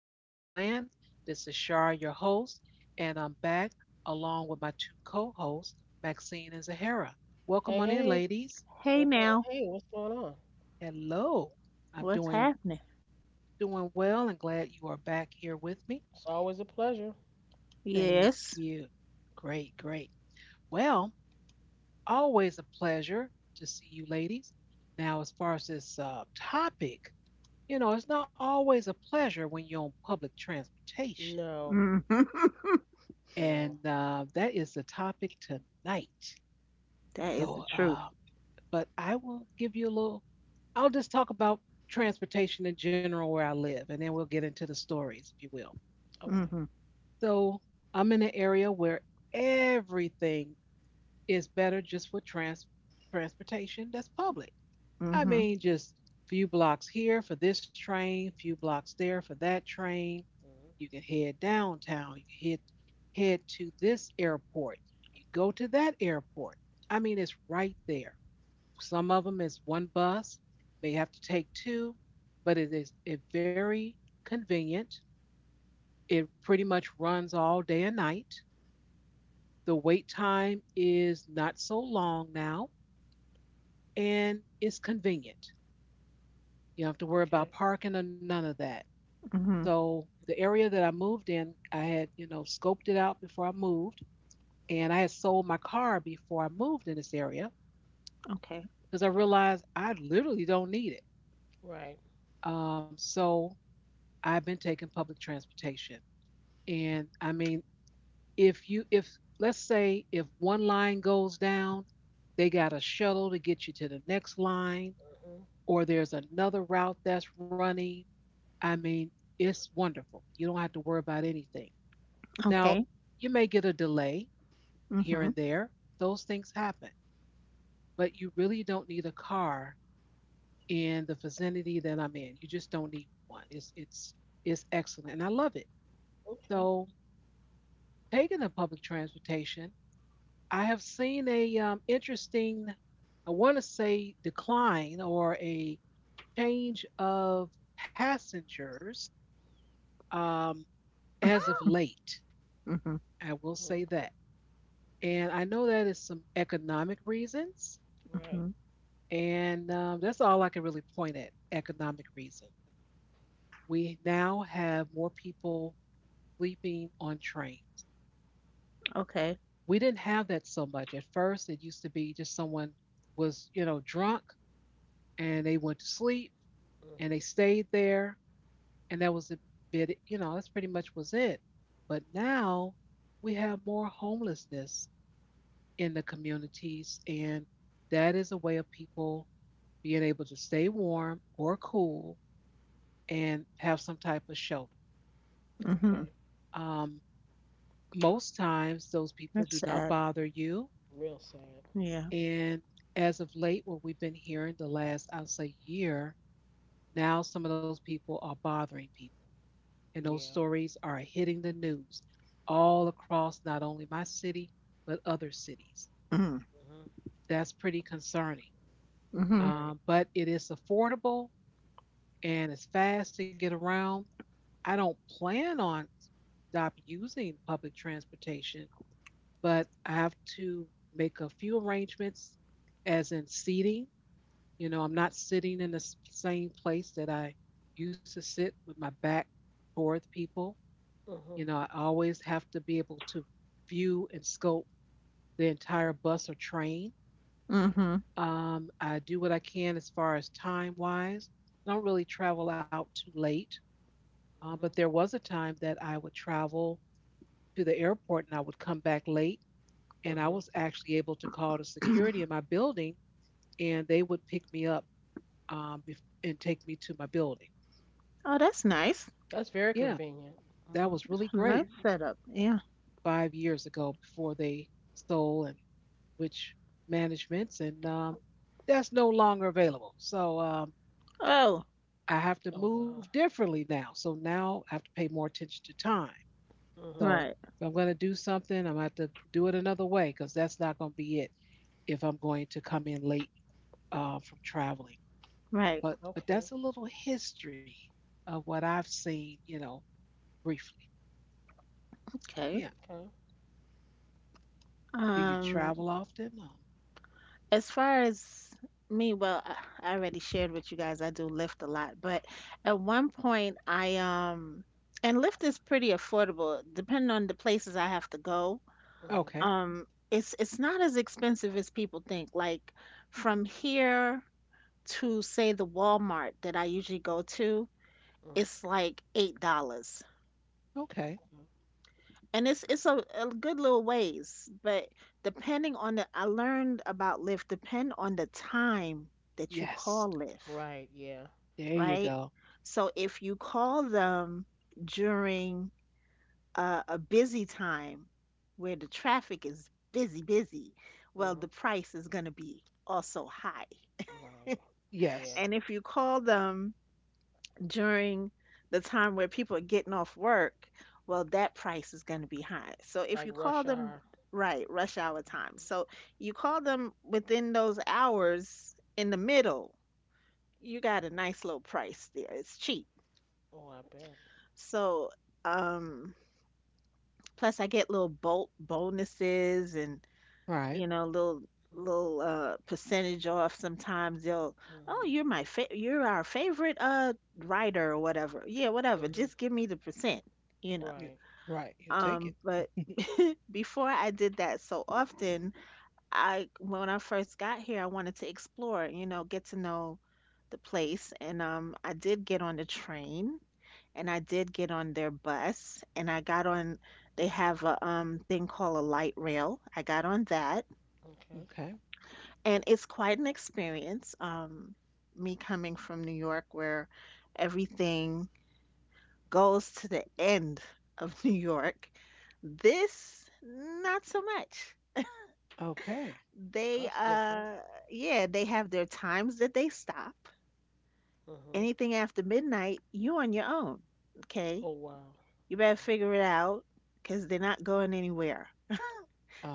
podcast land. This is Shar, your host, and I'm back along with my two co hosts, Maxine and Zahara. Welcome Hey, on in, hey, ladies. Hey what's up? now, Hey, what's going on? Hello. I'm what's doing happening? doing well and glad you are back here with me. It's always a pleasure. Thank Yes. you. Great, great. Well, always a pleasure to see you, ladies. Now, as far as this topic, you know, it's not always a pleasure when you're on public transportation. No, hmm no. And that is the topic tonight. That is the So, truth. uh, but I will give you a little, I'll just talk about transportation in general where I live, and then we'll get into the stories, if you will. Okay. Hmm So, I'm in an area where everything is better just for transportation that's public. I hmm Mm-hmm. mean, just few blocks here for this train, few blocks there for that train. Hmm. You can head downtown. You can head to this airport. You go to that airport. I mean, it's right there. Some of them is one bus, may have to take two, but it is it very convenient. It pretty much runs all day and night. The wait time is not so long now, and it's convenient. You don't have to worry Okay. about parking or none of that. hmm So the area that I moved in, I had, you know, scoped it out before I moved. And I had sold my car before I moved in this area Okay. because I realized I literally don't need it. Right. So I've been taking public transportation. And I mean, if you, if let's say if one line goes down, they got a shuttle to get you to the next line, Hmm. or there's another route that's running. I mean, it's wonderful. You don't have to worry about anything. Now, Okay. you may get a delay hmm here hmm and there, those things happen, but you really don't need a car in the vicinity that I'm in. You just don't need one. It's excellent, and I love it. Okay. So taking the public transportation, I have seen a interesting, I want to say decline or a change of passengers um, as of late. hmm I will Mm. say that, and I know that is some economic reasons, Right. and that's all I can really point at economic reason. We now have more people sleeping on trains. Okay. We didn't have that so much. At first, it used to be just someone was, you know, drunk and they went to sleep and they Hmm. stayed there. And that was a bit, you know, that's pretty much was it. But now we have more homelessness in the communities. And that is a way of people being able to stay warm or cool and have some type of shelter. hmm Okay. Um, most times, those people That's do not sad. bother you. Real sad. Yeah. And as of late, what we've been hearing the last, I'll say, year, now some of those people are bothering people. And those Yeah. stories are hitting the news all across not only my city, but other cities. hmm Hmm. That's pretty concerning. hmm Very. But it is affordable and it's fast to get around. I don't plan on stop using public transportation, but I have to make a few arrangements, as in seating. You know, I'm not sitting in the same place that I used to sit with my back toward people. Hmm. You know, I always have to be able to view and scope the entire bus or train. hmm I do what I can as far as time wise. I don't really travel out too late, but Hmm. there was a time that I would travel to the airport and I would come back late. And I Hmm. was actually able to call the security in my building and they would pick me up and take me to my building. Oh, that's nice. That's very Yeah, convenient. that Hmm. was really great Nice setup. Yeah. 5 years ago before they stole and which managements, and that's no longer available. So um, Oh, I have to Oh move wow. differently now. So now I have to pay more attention to time. Hmm. So right. if I'm going to do something, I'm going to have to do it another way because that's not going to be it if I'm going to come in late from traveling. Right. But Okay. that's a little history of what I've seen, you know, briefly. Okay. Yeah. Okay. Do you Um, travel often? As far as me, well, I already shared with you guys, I do Lyft a lot, but at one point I and Lyft is pretty affordable depending on the places I have to go. Hmm. Okay. It's not as expensive as people think. Like from here to, say, the Walmart that I usually go to, Hmm. Hmm. it's like $8. Okay. And it's a good little ways, but depending on the I learned about Lyft, depend on the time that you call Yes. Lyft, Right. Yeah. There you Hmm. right? go. So if you call them during a busy time where the traffic is busy, busy, well, Hmm. the price is going to be also high. Right. Yeah. And Yes. if you call them during the time where people are getting off work, well, that price is going to be high. So if Like you call rush them, hour. right, rush hour time. So you call them within those hours in the middle, you got a nice little price there. It's cheap. Oh, I bet. So, um, Plus, I get little bolt bonuses and Right. you know, little little percentage off. Sometimes they'll, Uh oh, you're huh. my fa you're our favorite writer or whatever. Yeah, Uh whatever. huh. Just give me the percent, you know. You Right. right. You take it. But before I did that so often, I when I first got here, I wanted to explore, you know, get to know the place, and I did get on the train and I did get on their bus and I got on they have a thing called a light rail. I got on that Okay. Okay. and it's quite an experience. Me coming from New York where everything goes to the end of New York. This not so much. Okay. They That's different. uh yeah, they have their times that they stop. Uh huh. Anything after midnight, you on your own. Okay? Oh, wow. You better Okay. figure it out because they're not going anywhere.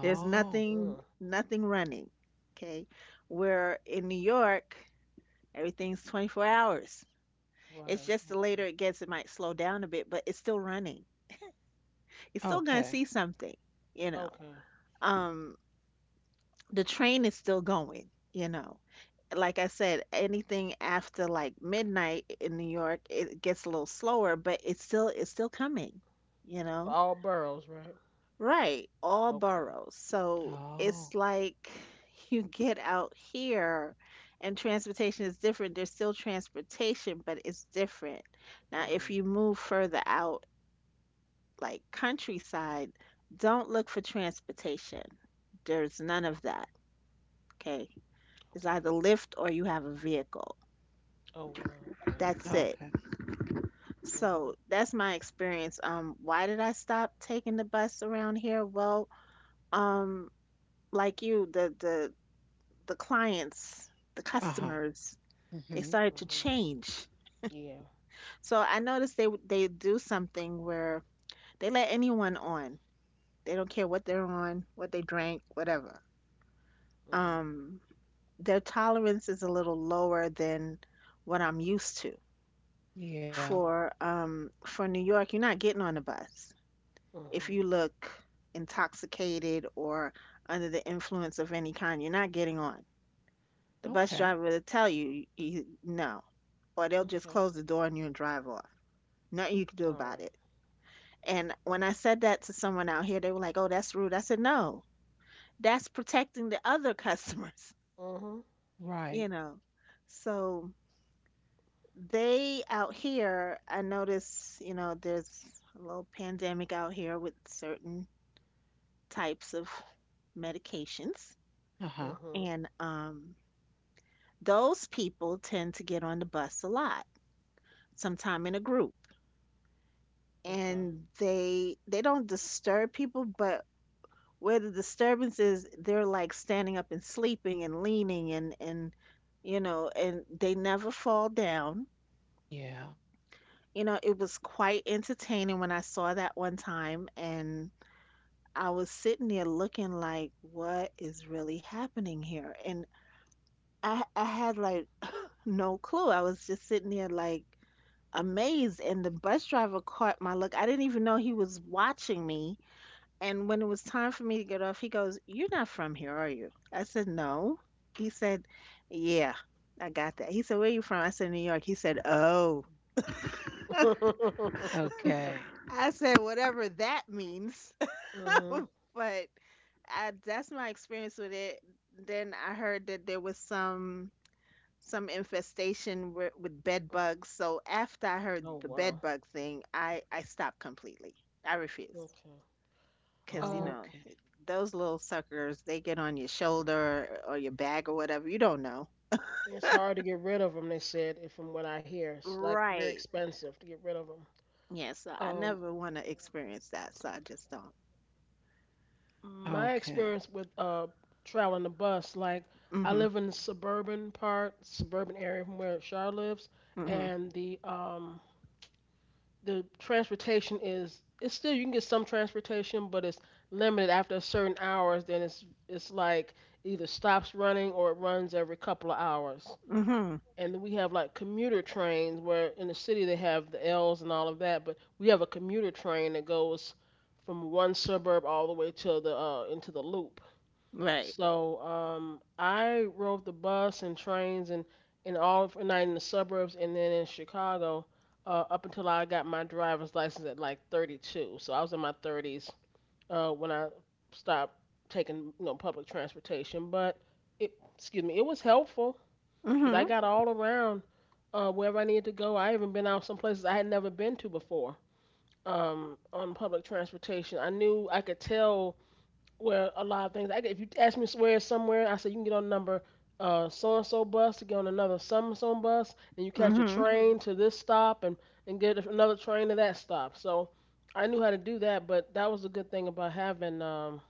There's Uh, nothing running. Okay. Where in New York, everything's 24 hours. It's right. just the Okay. later it gets, it might slow down a bit, but it's still running. You're still gonna Okay. see something, you know. Okay. Um, the train is still going, you know. Like I said, anything after like midnight in New York, it gets a little slower, but it's still coming, you For know. all boroughs, right? Right, all Okay. boroughs. So it's Oh. like you get out here and transportation is different. There's still transportation, but it's different. Now, Uh if huh. you move further out, like countryside, don't look for transportation. There's none of that. Okay. It's Okay. either Lyft or you have a vehicle. Oh, wow. Okay. That's it. Okay. Uh huh. So that's my experience. Why did I stop taking the bus around here? Well, um, like you, the clients, the Uh-huh. customers, they Mm-hmm. Uh started to huh. change. Yeah. So I noticed they do something where they let anyone on. They don't care what they're on, what they drank, whatever. Uh huh. Um, their tolerance is a little lower than what I'm used to. Yeah. Okay. For New York, you're not getting on the bus Uh huh. if you look intoxicated or under the influence of any kind. You're not getting on. The bus Okay. driver will tell you, no, or they'll just Okay. close the door on you and drive off. Nothing you can do Alright. about it. And when I said that to someone out here, they were like, "Oh, that's rude." I said, "No, that's protecting the other customers." Uh Right. You know, so they out here, I notice, you know, there's a little pandemic out here with certain types of medications, Uh-huh. huh. and those people tend to get on the bus a lot, sometime in a group. Uh huh. Okay. And they don't disturb people, but where the disturbance is, they're like standing up and sleeping and leaning, and you know, and they never fall down, Yeah. you know. It was quite entertaining when I saw that one time, and I was sitting there looking like, what is really happening here? And I had like no clue. I was just sitting there like amazed, and the bus driver caught my look. I didn't even know he was watching me. And when it was time for me to get off, he goes, "You're not from here, are you?" I said, "No." He said, "Yeah, I got that." He said, "Where are you from?" I said, "New York." He said, "Oh." Okay. I said, "Whatever that means." Uh huh. But I, that's my experience with it. Then I heard that there was some infestation with bed bugs. So after I heard Oh, the wow. bed bug thing, I stopped completely. I refused. Okay. Because you Uh, know Okay. those little suckers, they get on your shoulder or your back or whatever, you don't know. It's hard to get rid of them. They said, if from what I hear, it's like very Right. expensive to get rid of them. Yeah, so I Um, never want to experience that, so I just don't. my Okay. experience with traveling the bus, like, I Hmm live in the suburban part, suburban area from where Char lives, hmm and the transportation is it's still you can get some transportation, but it's limited after a certain hours. Then it's like either stops running or it runs every couple of hours. hmm And we have like commuter trains where in the city they have the L's and all of that, but we have a commuter train that goes from one suburb all the way to the into the loop. right So I rode the bus and trains and in all of, not in the suburbs and then in Chicago up until I got my driver's license at like 32. So I was in my 30s when I stopped taking public transportation, but it excuse me, it was helpful, 'cause I hmm got all around wherever I needed to go. I even been out some places I had never been to before on public transportation. I knew I could tell where a lot of things. I could, if you ask me where somewhere, I said you can get on the number so and so bus to get on another some and so bus, and you catch a hmm train to this stop and get another train to that stop. So I knew how to do that, but that was a good thing about having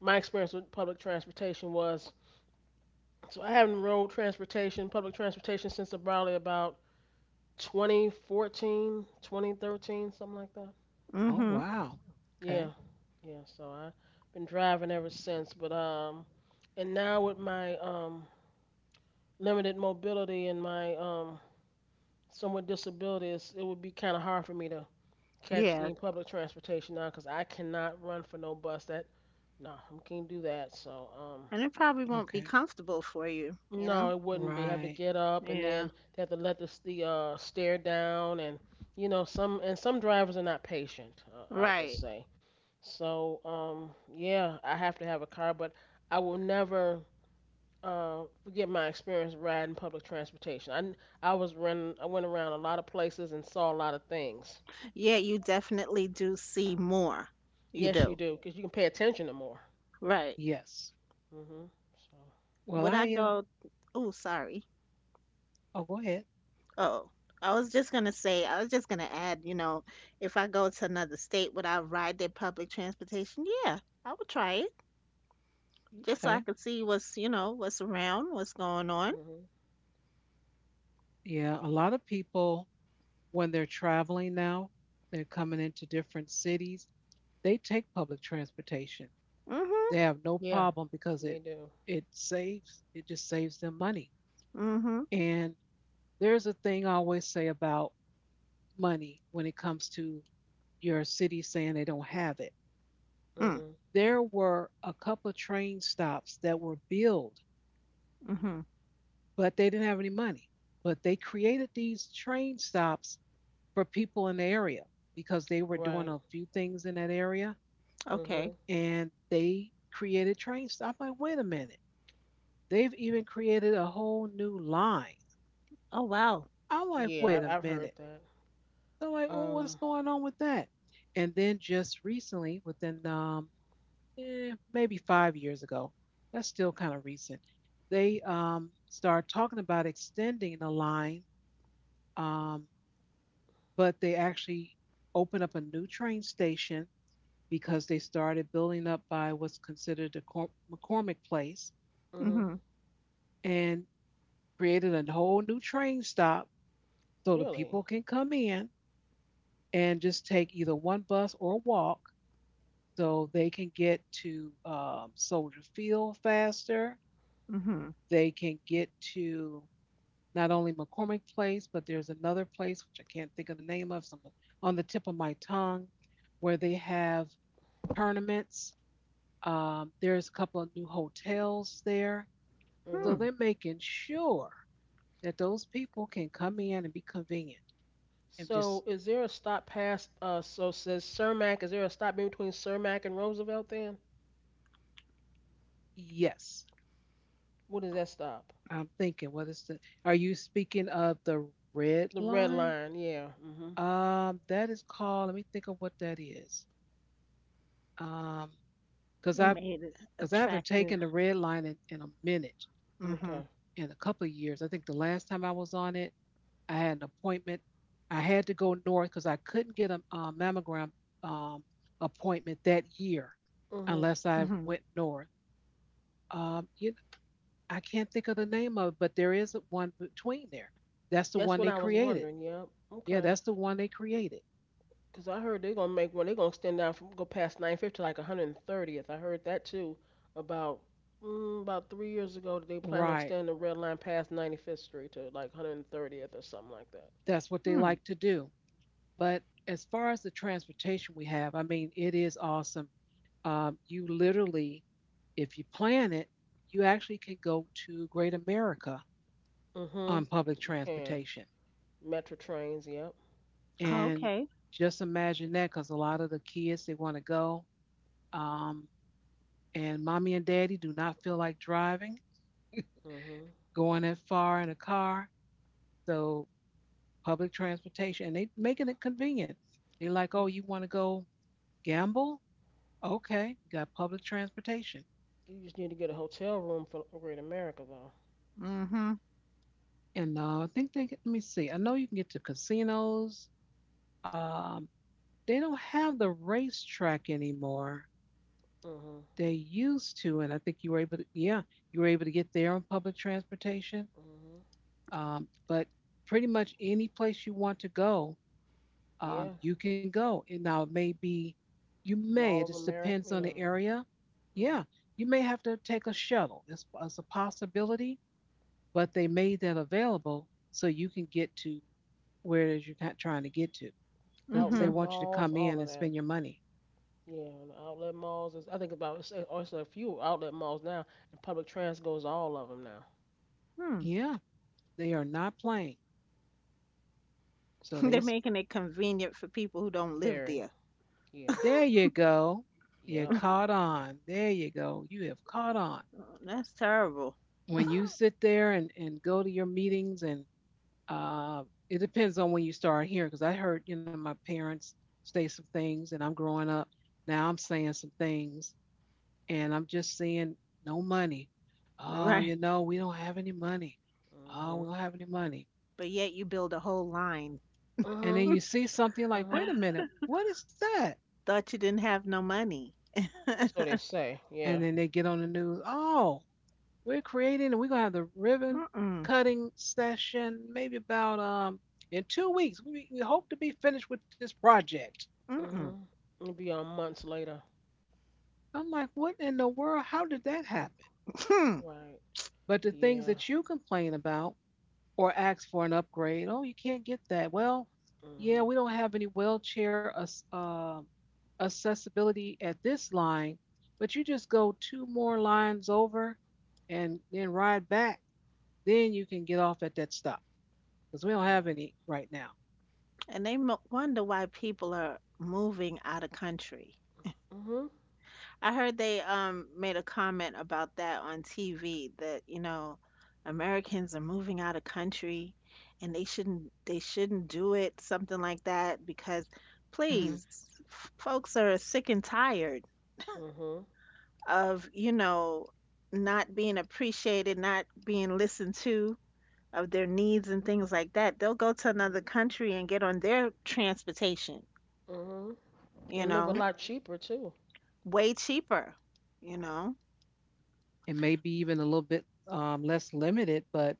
my experience with public transportation was. So I haven't rode transportation, public transportation, since probably about 2014, 2013, something like that. Oh hmm wow. Okay. Yeah, yeah. So I've been driving ever since. But and now with my limited mobility and my somewhat disabilities, it would be kind of hard for me to catch any Yeah, public transportation now because I cannot run for no bus. That no, I can't do that. So and it probably won't be Okay. comfortable for you, you no, know. it wouldn't be, having to Right. get up and Yeah. then they have to let the stair down and you know some and some drivers are not patient. I'll Right. just say. So yeah, I have to have a car, but I will never forget my experience riding public transportation. I was running, I went around a lot of places and saw a lot of things. Yeah, you definitely do see more. You Yes, you do. do, 'cause you can pay attention to more. Right. Yes. Mhm. So. Well, would i I go oh, sorry. oh, go ahead. Oh, I was just gonna say, I was just gonna add, you know, if I go to another state, would I ride their public transportation? Yeah, I would try it just so I Okay. could see what's, you know, what's around, what's going on. Mhm. Yeah, a lot of people when they're traveling now, they're coming into different cities, they take public transportation. Mm-hmm. They have no Yeah, problem because they it do. it saves it just saves them money. Mm-hmm. And there's a thing I always say about money when it comes to your city saying they don't have it. Mm. Mhm. There were a couple of train stops that were billed, Mm-hmm. but they didn't have any money. But they created these train stops for people in the area because they were doing Right. a few things in that area Okay. Mhm. and they created train stops. I'm like, wait a minute. They've even created a whole new line. Oh, wow. I'm like, Yeah, wait a I've heard minute. that. They're like, well, what's Um. going on with that? And then just recently, within maybe 5 years ago, that's still kind of recent, they started talking about extending the line, um, but they actually opened up a new train station because they started building up by what's considered the McCormick Place Hmm. Mm-hmm. and created a whole new train stop so the Really. people can come in and just take either one bus or walk so they can get to Soldier Field faster. Mm-hmm. They can get to not only McCormick Place, but there's another place which I can't think of the name of, some on the tip of my tongue, where they have tournaments. There's a couple of new hotels there, so Hmm. Hmm. they're making sure that those people can come in and be convenient and So, just is there a stop past? So says Cermak. Is there a stop in between Cermak and Roosevelt? Then Yes. what is that stop? I'm thinking, what is the, are you speaking of the red The red line? line. Yeah. Hmm. That is called, let me think of what that is. Um, because They I've, made it because I haven't attractive. taken the red line in a minute, Mm-hmm. Okay. in a couple of years. I think the last time I was on it, I had an appointment. I had to go north because I couldn't get a mammogram um, appointment that year Hmm. unless Mm-hmm. I went north. Um, you, I can't think of the name of it, but there is one between there. That's the That's one what they I was created. wondering. Yep. Yeah, Okay. that's the one they created. 'Cause I heard they're gonna make one. They're gonna extend down from go past 950 to like 130th. I heard that too. About about 3 years ago, that they plan on Right. extending the red line past 95th Street to like 130th or something like that. That's what they Hmm. like to do. But as far as the transportation we have, I mean, it is awesome. You literally, if you plan it, you actually could go to Great America Hmm. on public You can. transportation. Metro trains, yep. Oh, And okay. just imagine that because a lot of the kids, they want to go. Um, and mommy and daddy do not feel like driving, Mhm. going that far in a car. So public transportation, and they making it convenient. They like, oh, You you want to go Gamble? Okay, got public transportation. you just need to get a hotel room for Great America though. Mm-hmm. And I think they, let me see, I know you can get to casinos. Um, they don't have the racetrack anymore. Mhm. They used to, and I think you were able to, yeah, you were able to get there on public transportation. Mhm. But pretty much any place you want to go, Yeah. you can go. And now it may be, you may, it Mall of just America, depends you on the know. area. Yeah, Mhm. you may have to take a shuttle. It's a possibility but they made that available so you can get to where it is you're trying to get to because they Mm-hmm. Outlet want you to malls, come all in and of spend that. your money. Yeah, the outlet malls is I think about it's a- also a few outlet malls now, and public trans goes all of them now. Hmm. Yeah, they are not playing. So They're they, So making it convenient for people who don't live very, there. yeah, there you go. You yep. caught on. There you go. You have caught on. Oh, that's terrible. When you sit there and go to your meetings, and it depends on when you start hearing, because I heard, you know, my parents say some things, and I'm growing up. Now I'm saying some things and I'm just seeing no money. Oh, you know, we don't have any money. Oh, we Mhm. don't have any money. But yet you build a whole line. And then Mhm. you see something like, Mhm. wait a minute, what is that? Thought you didn't have no money. So they say, yeah. And then they get on the news, oh, we're creating and we're gonna have the ribbon Mm-mm. cutting session maybe about in 2 weeks. We hope to be finished with this project. Mm-mm. Mhm. It'll be on months later. I'm like, what in the world? How did that happen? Right. But the things Yeah. that you complain about, or ask for an upgrade. Oh, you can't get that. Well, yeah, Mhm. we don't have any wheelchair accessibility at this line, but you just go two more lines over and then ride back. Then you can get off at that stop because we don't Right. have any right now. And they wonder why people are moving out of country. Mhm. I heard they made a comment about that on TV that, you know, Americans are moving out of country, and they shouldn't do it, something like that, because, hmm please, folks are sick and tired Mhm. of, you know, not being appreciated, not being listened to of their needs and things like that. They'll go to another Mhm. country and get on their transportation, Mhm. you And live a know, lot cheaper too. way cheaper, you know, It may be even a little bit less limited, but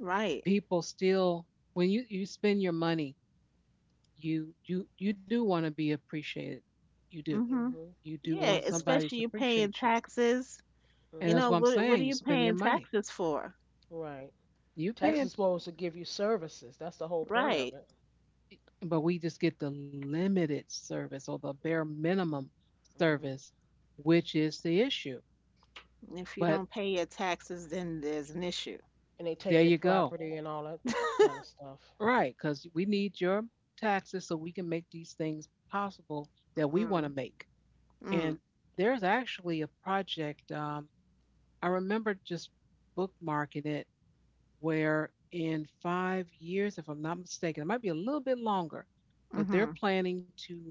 right. people still, when you spend your money, you do want to be appreciated. You do. hmm Mhm. You do Yeah, Yeah, you want do. somebody especially to you paying appreciate you. taxes. And You that's know, Mhm. what I'm what are saying. You're you spending your paying money. taxes for? Right. You are Tax paying, is supposed to give you services. That's the whole point of Right. it. but we just get the limited service or the bare minimum Mhm. service, which is the issue. If you But don't pay your taxes, then there's an issue. And they take there your you go. property and all that kind of stuff. Right, because we need your taxes so we can make these things possible that we want to Mm, make. And mm, there's actually a project. I remember just bookmarking it where in 5 years, if I'm not mistaken, it might be a little bit longer, but they're mm-hmm, planning to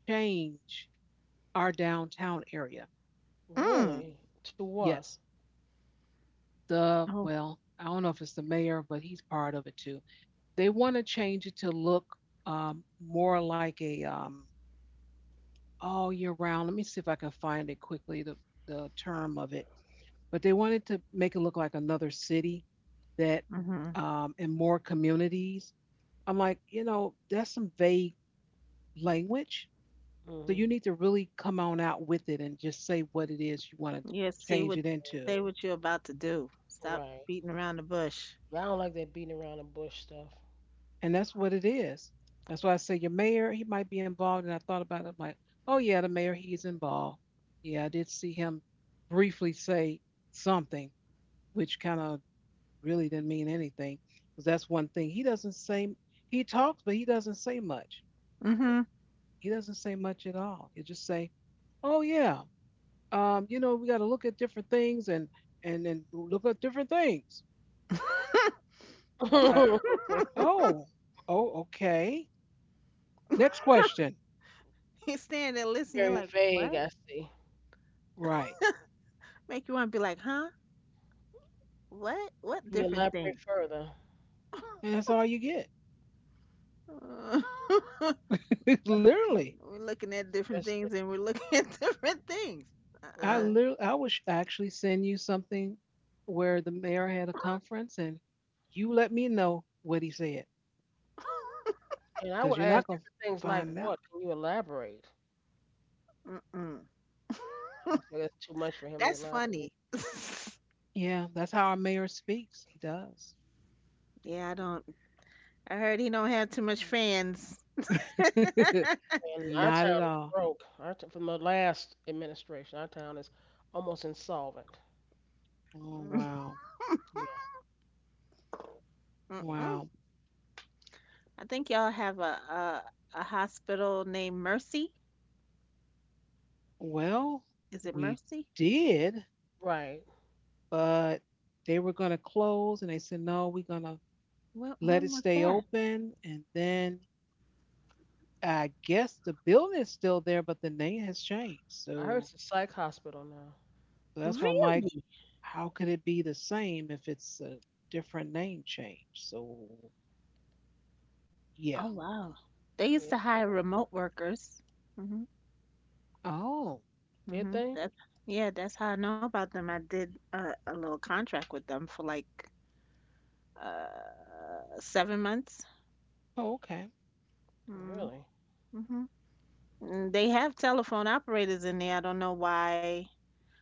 change our downtown area. mm. Really? To what? Yes, Oh, well, I don't know if it's the mayor, but he's part of it too. They want to change it to look more like a all year round. Let me see if I can find it quickly, the term of it. But they wanted to make it look like another city that mm-hmm. In more communities. I'm like, you know, that's some vague language. So you Mhm. need to really come on out with it and just say what it is you want to Yeah, see change what, it into. say Mhm. what you're about to do. Stop Right. beating around the bush. Yeah, I don't like that beating around the bush stuff. And that's what it is. That's why I say your mayor, he might be involved. And I thought about it, I'm like, oh yeah, the mayor, he's involved. Yeah, I did see him briefly say something, which kind of really didn't mean anything. Because that's one thing. He talks, but he doesn't say much. Mm-hmm. He doesn't say much at all. He'll just say, oh yeah. You know, we gotta look at different things and then look at different things. Uh, uh, oh, oh, okay. Next question. You stand there listening, you're Very like, vague, what? I see. Right. Make you want to be like, huh? What? What Can you different elaborate things? further? And that's all you get. Uh, That's interesting. Literally, we're looking at different That's things, interesting. and we're looking at different things. I Uh literally, I was actually send you something where the mayor had a conference, and you let me know what he said Uh-uh. And I because would you're not ask gonna different things like, find out. "What? Can you elaborate?" Mm-mm. I feel that's too much for him to That's funny. elaborate. Yeah, that's how our mayor speaks. He does. Yeah, I don't. I heard he don't have too much fans. Mm-mm. And our Not at town is all. broke. Our t- from the last administration, our town is almost insolvent. Oh, wow. Yeah, yeah, I Wow. think y'all have a hospital named Mercy. Well, Is it we Mercy? did, right. but they were going to close and they said, no, we're going to When let it was stay that? open. And then I guess the building is still there, but the name has changed. I heard So, it's a psych hospital now. so that's why I'm like, Really? how could it be the same if it's a different name change? So yeah. Oh wow. They used Yeah. to so- hire remote workers. Mhm. Oh, Did Mhm. they? That's yeah, that's how I know about them. I did a little contract with them for like 7 months. oh, okay. Mm, Really? Mhm. Mm, they have telephone operators in there. I don't know why,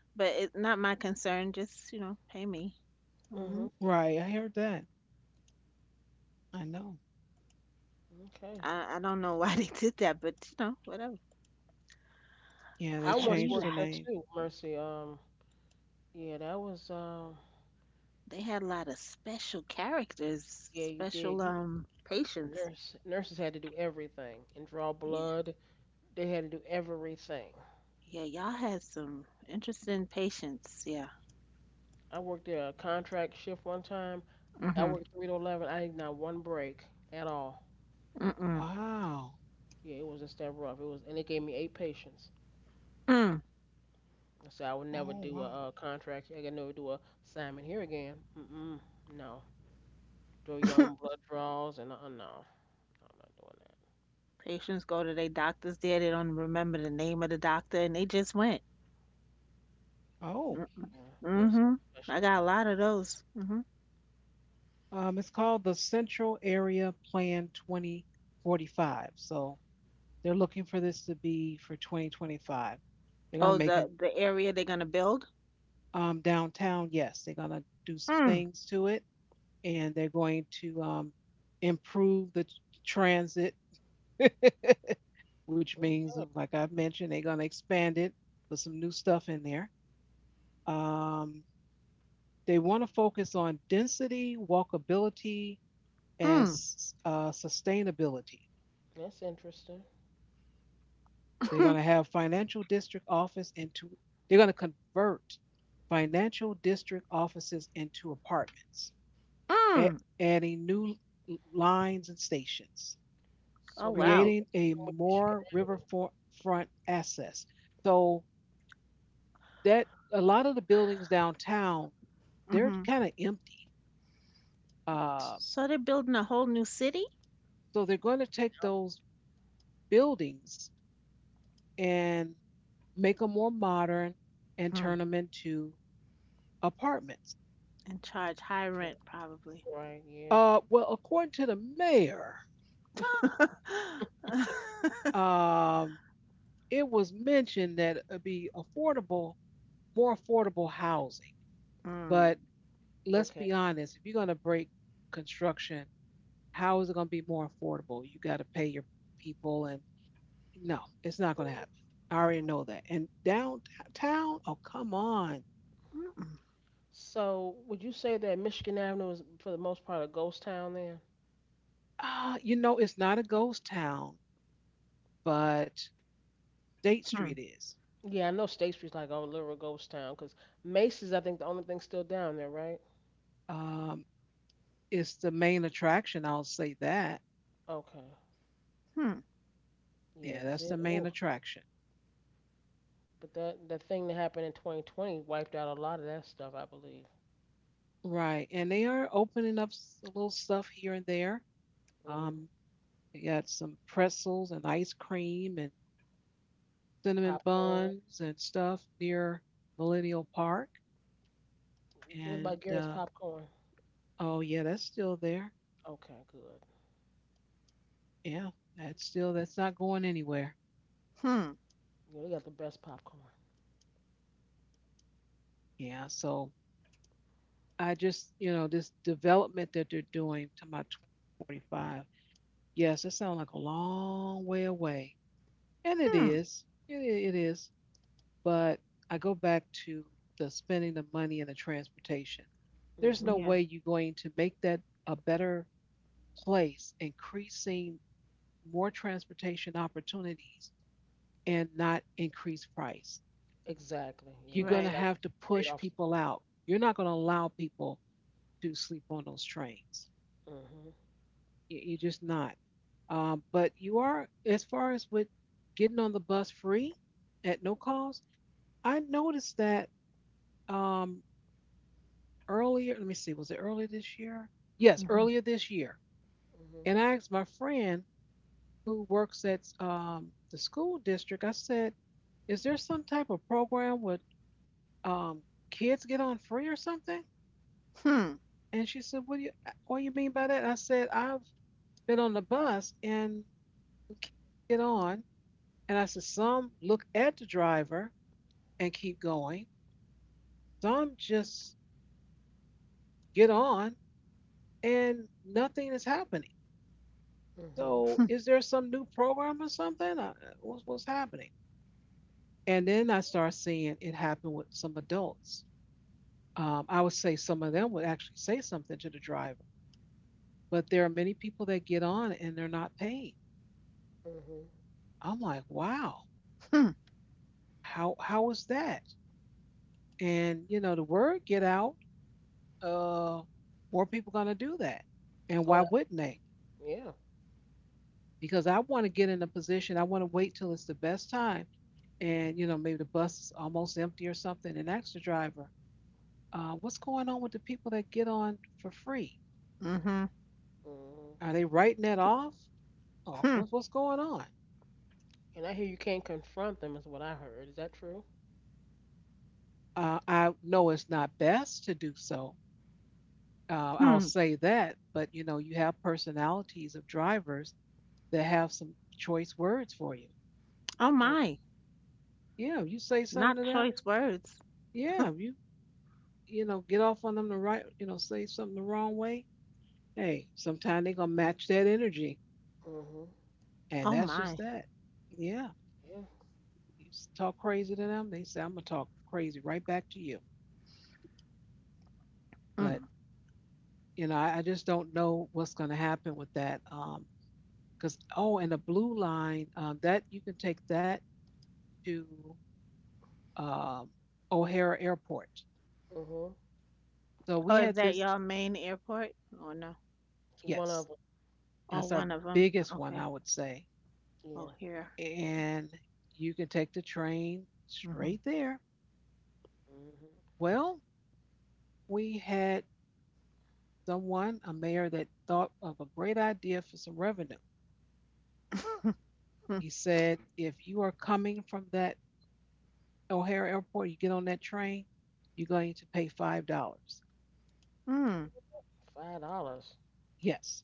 but it's not my concern. Just, you know, pay me. Hmm Mhm. Right. I heard that. I know. Okay. I don't know why they did that, but you know, whatever. Yeah, they I Whatever once you changed worked the there like. name. too, Mercy. Yeah, that was They had a lot of special characters, yeah, you special did. You patients. nurse nurses had to do everything and draw Yeah. blood. They had to do everything. Yeah, y'all had some interesting patients. Yeah. I worked a contract shift one time. I Mhm. worked 3 to 11. I did not one break at all. Mm-mm. Wow. Yeah, it was just that rough. It was, and it gave me eight patients. Mm. I said I would never Oh do wow. a, contract. I could never do a assignment here again. Mm-mm. No. Do your own blood draws and no, no, I'm not doing that. Patients go to their doctors there. They don't remember the name of the doctor, and they just went. Oh. Mm- Yeah, yeah, it's a Mhm. I special got a place. lot of those. Mhm. It's called the Central Area Plan 2045. So they're looking for this to be for 2025. They're gonna Oh, make it the area they're gonna build. Downtown, yes, they're going to do some Mm. things to it and they're going to improve the transit, which Mm. means, like I've mentioned, they're going to expand it, put some new stuff in there. Um, they want to focus on density, walkability, and Mm. Sustainability. That's interesting. They're going to have financial district office into, they're going to convert financial district offices into apartments. a- Mm. Adding new lines and stations, Oh So maybe they wow. creating could do a something with Michigan more Avenue. riverfront access. So that a lot of the buildings downtown, they're Mhm. kind of empty. Uh, So they're building a whole new city. so they're going to take those buildings and make them more modern and Hmm. turn them into apartments. And charge high rent probably. Okay. Right. Yeah. Well, according to the mayor, mm. um, it was mentioned that it'd be affordable, more affordable housing, Mm-mm. but let's Okay. be honest, if you're going to break construction, how is it going to be more affordable? You got to pay your people, and no, it's not going to happen. I already Right. know that. And downtown, oh, come on. So, would you say that Michigan Avenue is for the most part a ghost town then? You know, it's not a ghost town, but State Hmm. Street is. Yeah, I know State Street's like a literal ghost town because Macy's, I think, the only thing still down there, right? Um, it's the main attraction. I'll say that. Okay. Hmm. Yeah, Yeah, 'cause that's it, the oh, main attraction. but that thing that happened in 2020 wiped out a lot of that stuff, I believe. Right. And they are opening up a little stuff here and there. Mhm. Um, they got some pretzels and ice cream and cinnamon Popcorn. buns and stuff near Millennial Park. What And about Garrett's popcorn? oh, yeah, that's still there. Okay, good. Yeah, that's not going anywhere. Hmm. Yeah, they got the best popcorn. Yeah, so I just, you know, this development that they're doing to my 2045, yes, that sounds like a long way away. And Hmm. It is. But I go back to the spending the money and the transportation. There's no Mhm. way Yeah, you're going to make that a better place, increasing more transportation opportunities and not increase price. Exactly. You're Yeah, going to it's got right. have to trade push off. people out. You're not going to allow people to sleep on those trains. Mhm. You- are just not. But you are, as far as with getting on the bus free at no cost, I noticed that um, earlier. Let me see, was it earlier this year? Yes, earlier Mhm. this year. Mhm. And I asked my friend who works at the school district, I said, is there some type of program with um, kids get on free or something? Hmm. And she said, what do you mean by that? I said, I've been on the bus and kids get on. And I said, some look at the driver and keep going. Some just get on and nothing is happening. Mhm. So is there some new program or something? What's happening? And then I start seeing it happen with some adults. I would say some of them would actually say something to the driver, but there are many people that get on and they're not paid. Mhm. I'm like, wow, Hmm. How was that? And you know, the word get out, uh, more people gonna do that. And why Oh, wouldn't they? yeah. Because I want to get in a position, I want to wait till it's the best time. And you know, maybe the bus is almost empty or something, and ask the driver, what's going on with the people that get on for free? Mhm. Mhm. Are they writing that off? Or Hmm. What's going on? And I hear you can't confront them, is what I heard. Is that true? I know it's not best to do so. I'll Hmm. say that, but you know, you have personalities of drivers that have some choice words for you. Oh Oh. my. Yeah, you say something Not to them. choice words. Yeah, you know get off on them the right. You know, say something the wrong way. Hey, sometimes they gonna match that energy, Mhm. and Oh that's just my. that. Yeah, Yeah. you talk crazy to them, they say I'm gonna talk crazy right back to you. But Mm. you know, I just don't know what's gonna happen with that. Because oh, and the blue line that you can take that to um, O'Hara Airport. Mhm. So Oh, we is had that this. y'all main airport? Oh no. It's one of Yes, them. Oh, that's our one of them. biggest one, Okay. I would say. Oh, Yeah. here. And you can take the train Mhm. straight there. Mhm. Well, we had someone, a mayor, that thought of a great idea for some revenue. He said, if you are coming from that O'Hare Airport, you get on that train, you're going to pay $5. Hmm. $5. Yes.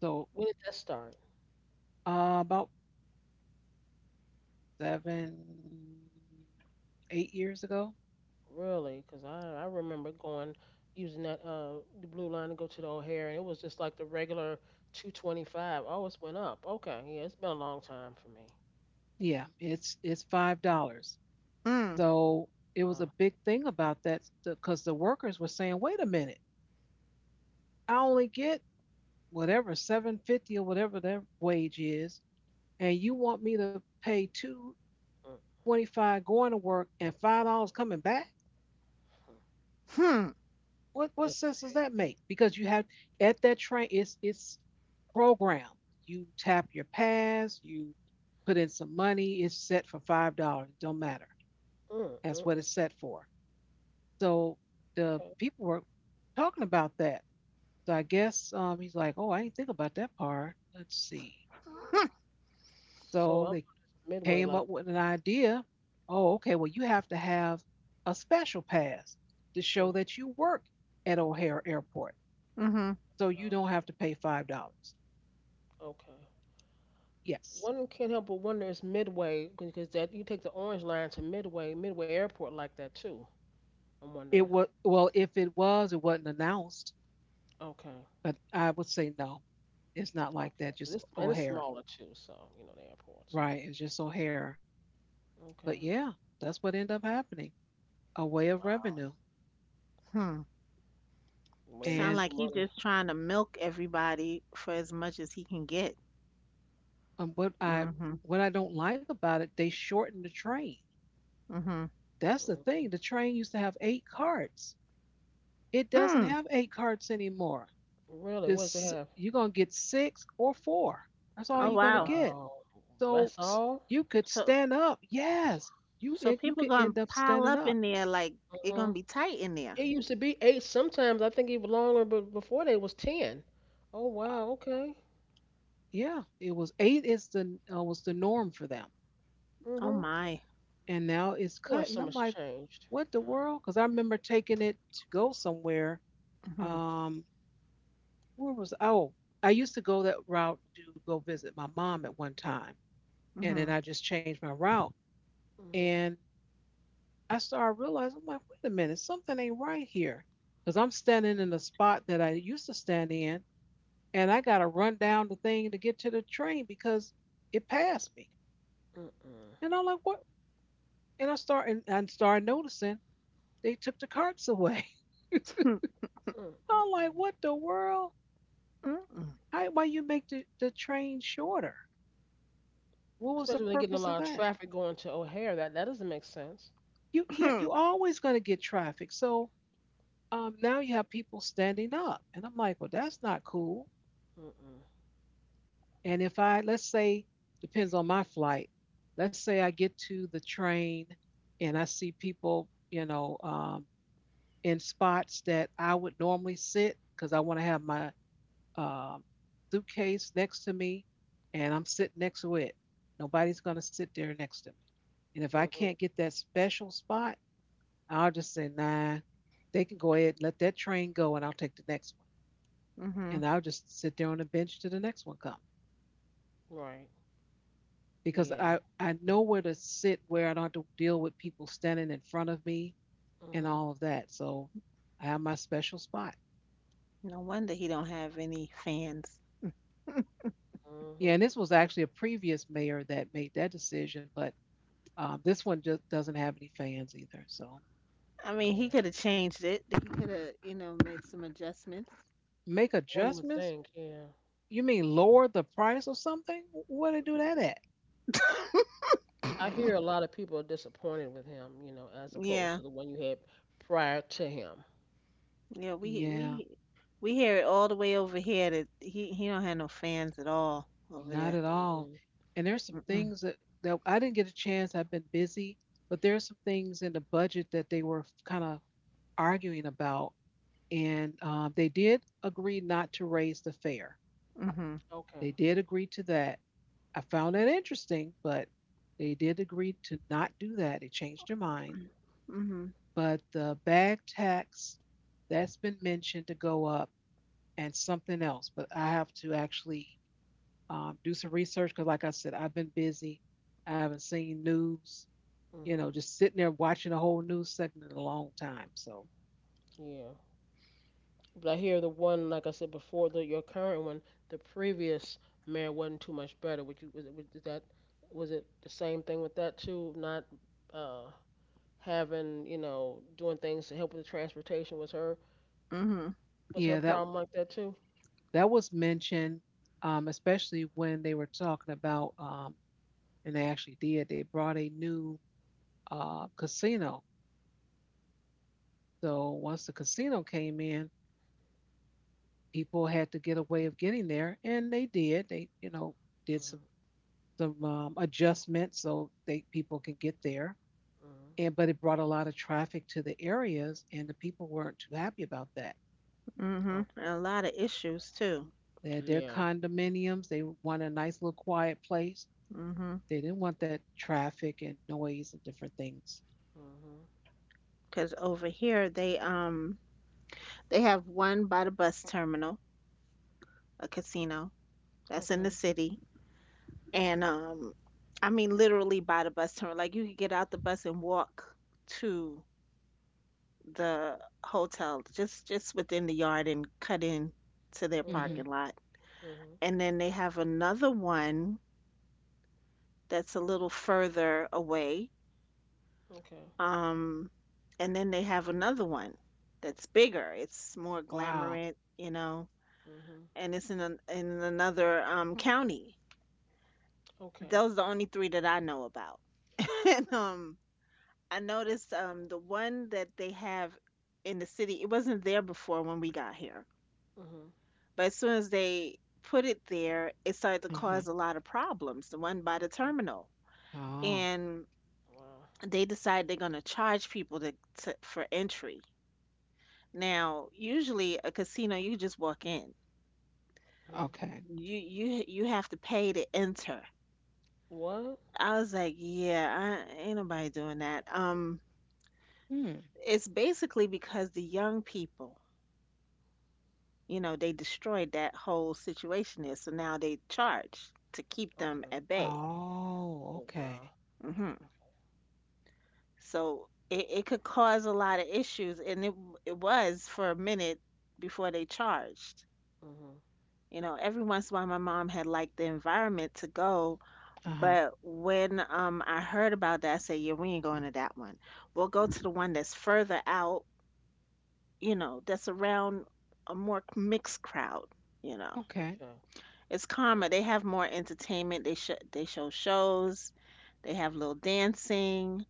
So When did that start? About seven, 8 years ago. Really? 'Cause I remember going using that the blue line to go to the O'Hare, and it was just like the regular 2.25. Oh, it's went up. Okay. Yeah, it's been a long time for me. Yeah, it's $5. Hmm. So it was a Wow. big thing about that because the workers were saying, "Wait a minute, I only get whatever 7.50 or whatever their wage is, and you want me to pay two Mm, twenty five going to work and $5 coming back? mm. Hmm. What That's sense does that crazy. make? Because you have at that train, it's programmed. You tap your pass, you put in some money. It's set for $5. It Don't matter. Mm, mm, That's what mm. it's set for. So the Okay. people were talking about that. So I guess he's like, oh, I didn't think about that part. Let's see. So So I'm on they this midway came like. up with an idea. Oh, okay. Well, you have to have a special pass to show Mm, that you work at O'Hare Airport, Mhm. so you wow. don't have to pay $5. Okay. Yes, One can't help but wonder is Midway because that you take the orange line to Midway, Midway Airport like that too. I'm it wondering. was. Well, if it was, it wasn't announced. Okay, But I would say no. It's not like okay. that. Just This and it's O'Hare, smaller too, so you know the airport. So right? It's just O'Hare. But okay, yeah, that's what ended up happening. A way of revenue, Hmm. way to make Sound and like some he money. just trying to milk everybody for as much as he can get. um, what I Mhm. what I don't like about it, they shortened the train. Mhm. That's the Hmm. thing. The train used to have eight carts. It doesn't Mm. have eight carts anymore. Really, what does it This have? you're gonna get six or four. That's all Oh Oh you're gonna wow. get. wow, So that's all. you could So stand up. Yes, you so you people could gonna end up pile standing up up. in there like it Hmm. gonna be tight in there. It used to be eight. Sometimes I think even longer, but before they was ten. Oh Uh, wow, okay. yeah, it was eight is the was the norm for them, Oh Mhm. my. and now it's Boy, cut. And so I'm much like, changed. what the Wow. world? Because I remember taking it to go somewhere. Mhm. Um, Where was I used to go that route to go visit my mom at one time, and then Mhm. I just changed my route, Mhm. and I started realizing I'm like, wait a minute, something ain't right here, because I'm standing Yeah. in the spot that I used to stand in, and I got to run down the thing to get to the train because it passed me, Mm-mm. and I'm like, what? And I started noticing they took the carts away. Mm. I'm like, Mm-mm. what the world? Mm-mm. How, why you make the train shorter? What was the Especially when they're getting a purpose of lot of that? traffic going to O'Hare. That doesn't make sense. You Yeah, you Mhm. always going to get traffic. So now you have people standing up and I'm like, well, that's not cool. Mm-mm. And if I let's say, depends on my flight, let's say I get to the train and I see people, in spots that I would normally sit because I want to have my um suitcase next to me and I'm sitting next to it. Nobody's going to sit there next to me. And if I can't Mm-mm. get that special spot, I'll just say, nah, they can go ahead, let that train go, and I'll take the next one. Mhm. And I'll just sit there on the bench till the next one comes Right. because Yeah. I know where to sit where I don't have to deal with people standing in front of me and Mhm. all of that. So I have my special spot. No wonder he don't have any fans. Yeah, and Mhm. this was actually a previous mayor that made that decision, but this one just doesn't have any fans either. So I mean, he Yeah. could have changed it. He could have, you know, made some adjustments. make One would adjustments? think. Yeah. You mean lower the price or something? Where do they do that at? I hear a lot of people are disappointed with him. You know, as opposed Yeah. to the one you had prior to him. Yeah, Yeah. We hear it all the way over here that he don't have no fans at all over Not there. at all. Mhm. And there's some Mm-mm. things that I didn't get a chance. I've been busy, but there are some things in the budget that they were kind of arguing about. And they did agree not to raise the fare. Mhm. They Okay. did agree to that. I found that interesting, but they did agree to not do that. They changed their mind. Mhm. But the bag tax, that's been mentioned to go up and something else, but I have to actually do some research because, like I said, I've been busy. I haven't seen news, you know, Mhm. just sitting there watching a whole news segment in a long time. So, Yeah. But I hear the one, like I said before, the your current one, the previous mayor wasn't too much better. Would you? Was it? Was that? Was it the same thing with that too? Not. Uh. Having, you know, doing things to help with the transportation Mhm. was her yeah, problem like that too? that was mentioned, especially when they were talking about, and they actually did. They brought a new casino. So once the casino came in, people had to get a way of getting there, and they did. They, you know, did some Mhm. some adjustments so they people can get there. Mhm. And but it brought a lot of traffic to the areas and the people weren't too happy about that. Mhm. And Okay. a lot of issues too. They had their Yeah. condominiums. They wanted a nice little quiet place. Mhm. They didn't want that traffic and noise and different things. Mhm. Because over here they have one by the bus terminal, a casino that's in the Okay. city, and I mean literally by the bus terminal. Like you could get out the bus and walk to the hotel just within the yard and cut in to their Mm-hmm. Mhm. parking lot. Mhm. And then they have another one that's a little further away. Okay. Um and then they have another one that's bigger. It's more Wow. glamorous, you know, Mhm. and it's in in another county. Okay. Those are the only three that I know about. and I noticed the one that they have in the city. It wasn't there before when we got here, Mhm. but as soon as they put it there, it started to Uh-huh. cause a lot of problems. The one by the Okay. terminal, Oh, and Wow. they decide they're gonna charge people to for entry. Now, usually a casino, you just walk in. Mhm. okay. You have to pay to enter. What? I was like, yeah, I ain't nobody doing that. Hmm. It's basically because the young people, they destroyed that whole situation there, so now they charge to keep them Okay. at bay. Oh, Oh okay. wow. Hmm. Okay. So it could cause a lot of issues, and it was for a minute before they charged. Mhm. You know, every once in a while, my mom had like the environment to go, Uh-huh. but when I heard about that, I said, yeah, we ain't going to that one. We'll go to the one that's further out, that's around a more mixed crowd, you know. Okay. Okay. It's calmer. Yeah. They have more entertainment. They show shows. They have little dancing.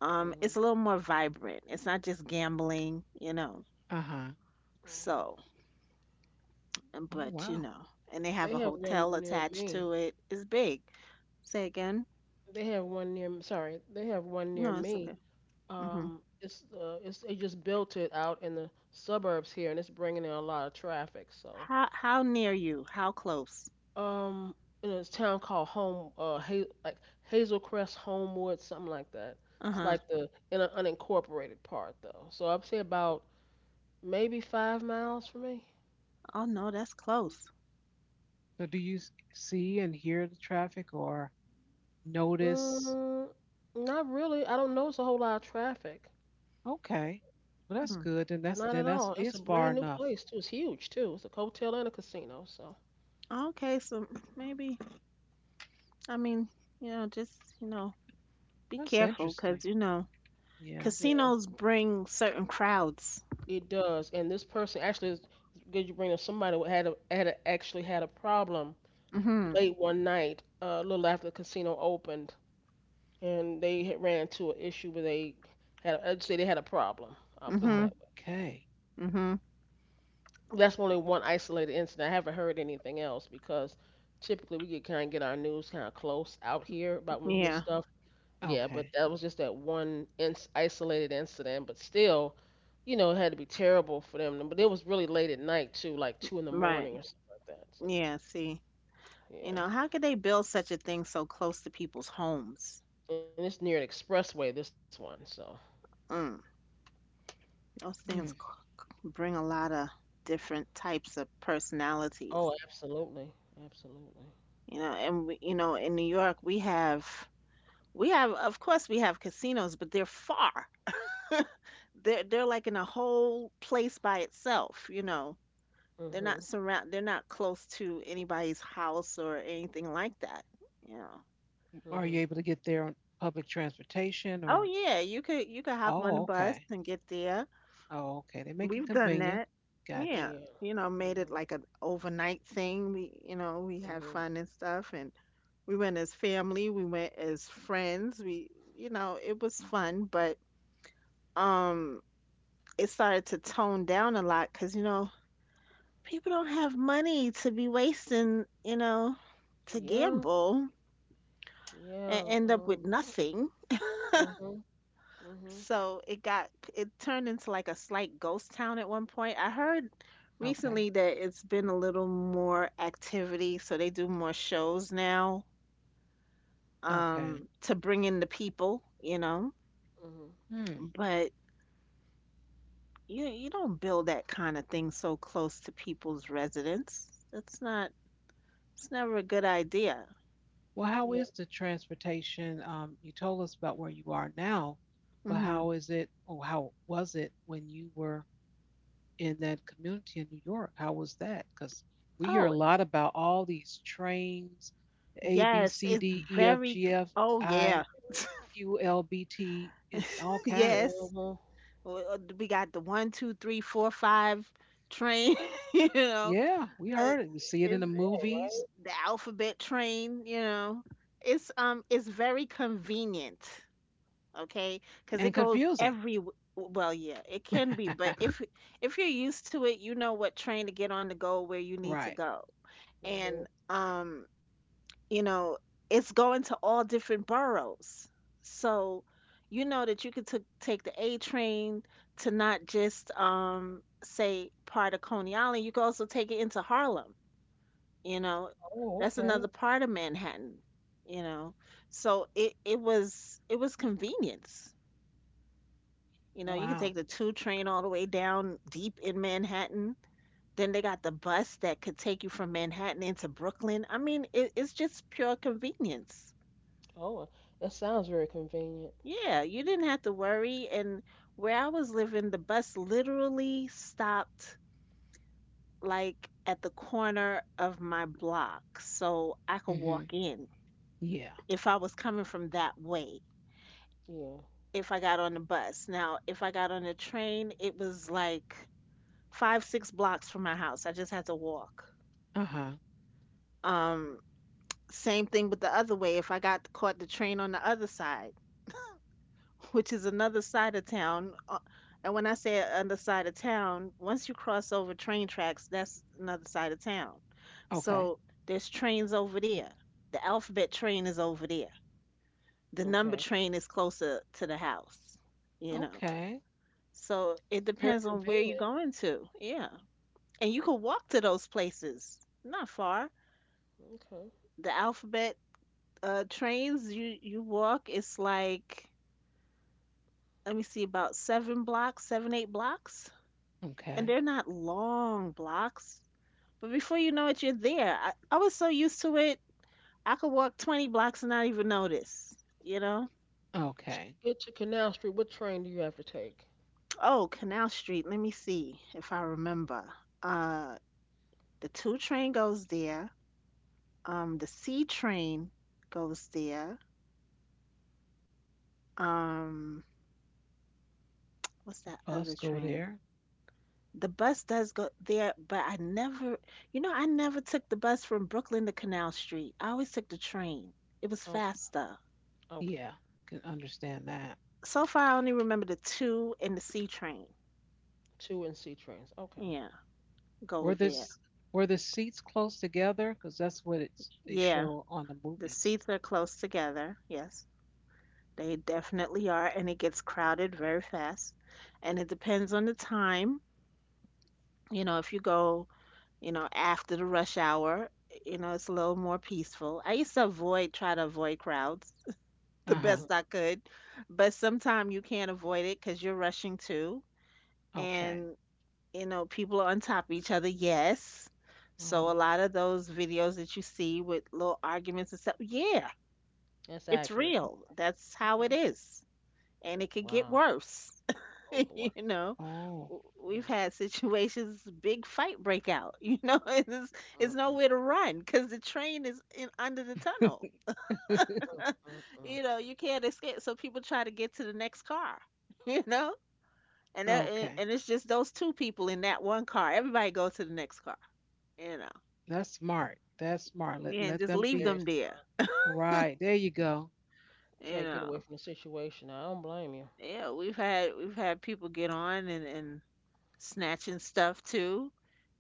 It's Mhm. a little more vibrant. It's not just gambling, you know. Uh-huh. Okay. So, Oh, but you wow. know, and they have They a have one hotel near attached me. to it. It's big. Say again. They have one near. Sorry, they have one near No, it's me. okay. Mhm. It's they just built it out in the suburbs here, and it's bringing in a lot of traffic. So, How near you? How close? um, in a town called Home, like Hazelcrest, Homewood, something like that. Uh It's huh. like the in an unincorporated part though. So I'd say about maybe 5 miles from me. Oh no, that's close. So do you s- see and hear the traffic or notice? Mm, not really. I don't notice a whole lot of traffic. Okay, well that's Hmm. good then, that's Not then at that's all. It's a it's far brand new enough. place too. It's huge too. It's a hotel and a casino. So Okay, so maybe. I mean, you know, just, you know, be That's careful interesting. because, you know, Yeah. yeah. casinos bring certain crowds. It does, and this person actually is it's good. You bring up somebody who actually had a problem Mm-hmm. late one night, a little after the casino opened, and they had ran into an issue where they had I'd say they had a problem. I'll put it Mm-hmm. that Okay. Mm-hmm. way. That's only one isolated incident. I haven't heard anything else because typically we get our news kind of close out here about when we hear Yeah. stuff. Yeah, but Okay. that was just that one ins isolated incident. But still, you know, it had to be terrible for them. But it was really late at night too, like two in the Right. morning or something like that. So Yeah, see. You know, yeah, how could they build such a thing so close to people's homes? and it's near an expressway. This one, so Mm. Those things Hmm. Bring a lot of different types of personalities. oh, absolutely, absolutely. You know, and we, you know, in New York, we have of course we have casinos, but they're far. They're like in a whole place by itself, you know. Mhm, They're not close to anybody's house or anything like that. You know. Are you mhm. able to get there on public transportation Oh or? yeah, you could hop on the Oh, bus okay. and get there. Oh, okay. They make it We've done convenient. that. Gotcha. Yeah. Yeah. You know, made it Mhm, like an overnight thing. We had mhm. fun and stuff, and we went as family, we went as friends. We you know, it was fun, but um it started to tone down a lot because you know, people don't have money to be wasting, you know, to Yeah, gamble and yeah. end up with nothing. Mhm, mhm, So it turned into like a slight ghost town at one point. I heard Okay. recently that it's been a little more activity, so they do more shows now Okay. To bring in the people, you know. mhm. Hmm. But you don't build that kind of thing so close to people's residence. That's not, it's never a good idea. Well, how is Yeah. the transportation? You told us about where you are now, but Mhm. how is it, or how was it when you were in that community in New York? How was that? Because we hear a Oh, lot about all these trains, A, B, yes, C, it's D, E, F, G, F, oh yeah. I, QLBT and all kinds. Yes. Mhm. We got the one, two, three, four, five train, you know. Yeah, we Uh, heard it. We see it in It's the Yeah. movies Right. the alphabet train, you know. It's very convenient, okay? Because and it goes confusing. every. Well, yeah, it can be, but if you're used to it, you know what train to get on to go where you need to Right. go. And Mhm. You know, it's going to all different boroughs. So you know that you could took take the A train to not just say part of Coney Island, you could also take it into Harlem, you know. Oh, That's okay. another part of Manhattan, you know. So it was convenience. You know, you could take Wow. the two train all the way down deep in Manhattan. Then they got the bus that could take you from Manhattan into Brooklyn. I mean, it's just pure convenience. Oh, uh, that sounds very convenient. Yeah, you didn't have to worry. And where I was living, the bus literally stopped like at the corner of my block. So I could Hmm. walk in Yeah. if I was coming from that way, Yeah. if I got on the bus. Now, if I got on the train, it was like five, six blocks from my house. I just had to walk. Uh huh. Um, same thing with the other way. If I got caught the train on the other side, which is another side of town. And when I say another side of town, once you cross over train tracks, that's another side of town. Okay. So there's trains over there. The alphabet train is over there. The number Okay. It's train is closer to the house, you know. Okay. So it very depends on where you're convenient. going to. Yeah. And you can walk to those places. Not far. Okay. The alphabet trains, you walk, it's like, let me see, about seven blocks, seven, eight blocks, and Okay. they're not long blocks. But before you know it, you're there. I was so used to it, I could walk 20 blocks and not even notice, you know? To Okay. get to Canal Street. What train do you have to take? Oh, Canal Street. Let me see if I remember. Uh, the two train goes there, the C train goes there. Um, what's that Bus other go train? there. The bus does go there, but I never, you know, I never took the bus from Brooklyn to Canal Street. I always took the train. It was Okay. faster. Yeah. Okay. Can understand that. So far, I only remember the two and the C train. Two and C trains. Okay. Yeah, go Were with that. this were the seats close together? Because that's what it's they Yeah, show on the the movies. seats are close together. Yes, they definitely are, and it gets crowded very fast. And it depends on the time. You know, if you go, you know, after the rush hour, you know, it's a little more peaceful. I used to avoid, try to avoid crowds Uh the huh. Mm, best I could, but sometimes you can't avoid it because you're rushing too. Okay. And you know, people are on top of each other, yes. So a Oh. lot of those videos that you see with little arguments and stuff, yeah, that's it's accurate. Oh, real. That's how it okay. is. And it could get Wow. worse. Oh You boy. know, Oh. We've Mm, had situations, big fight break out, you know, and it's mm, nowhere to mm, run because the train is in under the tunnel. mm, mm, mm. You know, you can't escape. So people try to get to the next car, you know, and, that- Okay. and it's just those two people in that one car. Everybody goes to the next car, you know. That's smart. That's smart. Yeah, and Let just That's them leave be. very them there. smart. Right. There you go. You Try to get away know, from the situation. I don't blame you. yeah, we've had people get on and snatching stuff too.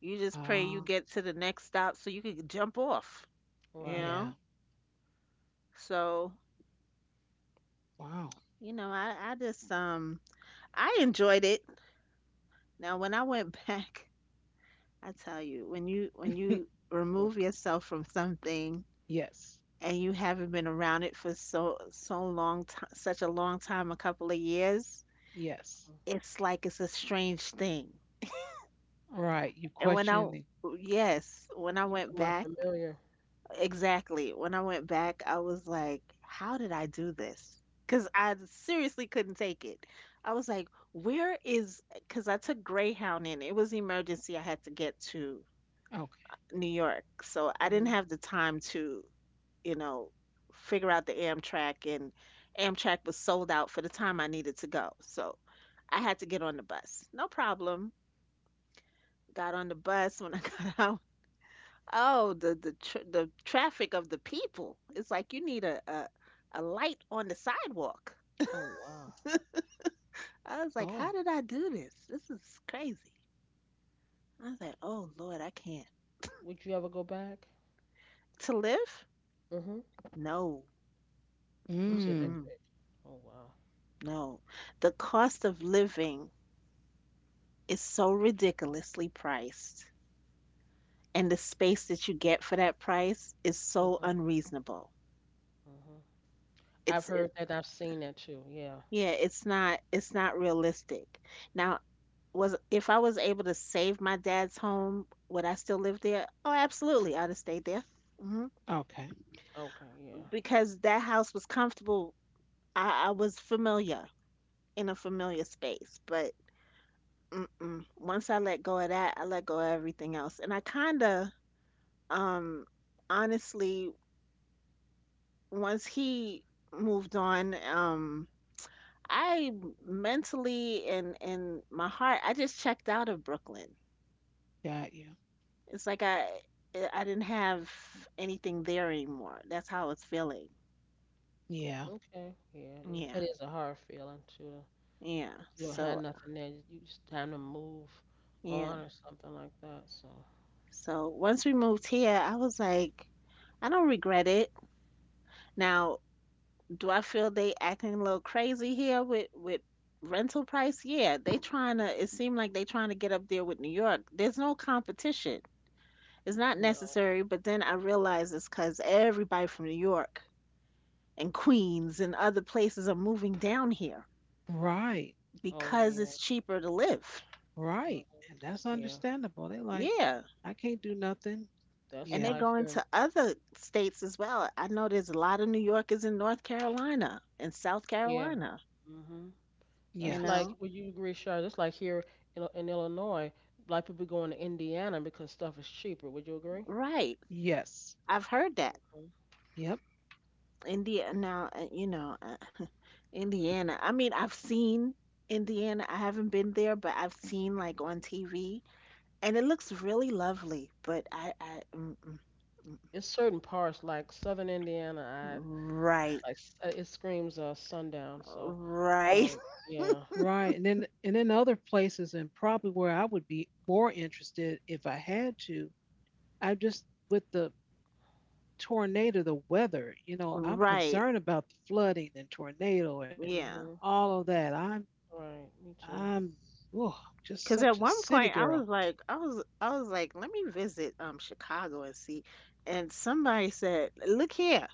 You just pray you Ah, get to the next stop so you can jump off. You Right. yeah. know, so Wow. you know, I just I enjoyed it. Now when I went back, I tell you, when you Mm, remove yourself from something Yes. and you haven't been around it for so long time, such a long time, a couple of years, Yes. mm. it's like it's a strange thing. Right. You And when I, question the yes, when I You went become back, unfamiliar. exactly, when I went back, I was like, how did I do this? Because I seriously couldn't take it. I was like, where is, because I took Greyhound in, it was emergency. I had to get to okay. New York. So I Hmm. didn't have the time to, you know, figure out the Amtrak, and Amtrak was sold out for the time I needed to go. So I had to get on the bus. No problem. Got on the bus. When I got out, oh, the traffic of the people. It's like you need a light on the sidewalk. Oh wow. I was like, Oh. how did I do this? This is crazy. I was like, oh Lord, I can't. Would you ever go back? To live? Hmm. No. You said that Mm. Mm-mm, quick. Oh wow. no. The cost of living is so ridiculously priced, and the space that you get for that price is so Hmm. unreasonable. Hmm. I've heard It, that. I've seen that too. Yeah. yeah, it's not, it's not realistic. Now, was if I was able to save my dad's home, would I still live there? Oh, absolutely, I'd have stayed there. Hmm. Okay. Okay, yeah. Because that house was comfortable. I was familiar in a familiar space, but mm-mm. Once I let go of that, I let go of everything else. And I kind of, um, honestly, once he moved on, I mentally and my heart, I just checked out of Brooklyn. Got you. It's like I didn't have anything there anymore. That's how it's feeling. Yeah. Okay, yeah. It, Yeah. that is a hard feeling too. Yeah. Like you don't have So, nothing there. You just time to move yeah. on or something like that. So So, once we moved here, I was like, I don't regret it. Now, do I feel they acting a little crazy here with rental price? Yeah, they trying to it seemed like they trying to get up there with New York. There's no competition. It's not no. necessary, but then I realized cause everybody from New York and Queens and other places are moving down here, Right. Oh because yeah. it's cheaper to live. Hmm. Right. And that's Yeah. understandable. They're like, Yeah. I can't do nothing. That's And they're Yeah. like going here. To other states as well. I know there's a lot of New Yorkers in North Carolina and South Yeah. Carolina, Mhm. you That's Yes. like, know. would you agree, Shar? That's like here in, in Illinois. A people going to Indiana because stuff is cheaper. Would you agree? Right. Yes. I've heard that. Hmm. Yep. India now, uh, you know, uh, Indiana. I mean, I've seen Indiana. I haven't been there, but I've seen like on TV and it looks really lovely, but I mm, mm, It's certain parts like Southern mm. Indiana. I right. like it screams sundown. Right. um, yeah. Right. And then other places, and probably where I would be more interested if I had to, I just with the tornado, the weather, you know, I'm Right. concerned about the flooding and tornado and Yeah. Mm-hmm. all of that. Right, me too. I'm Oh, just Cause at such a one city point I girl. was like, I was like, let me visit Chicago and see. And somebody said, look here,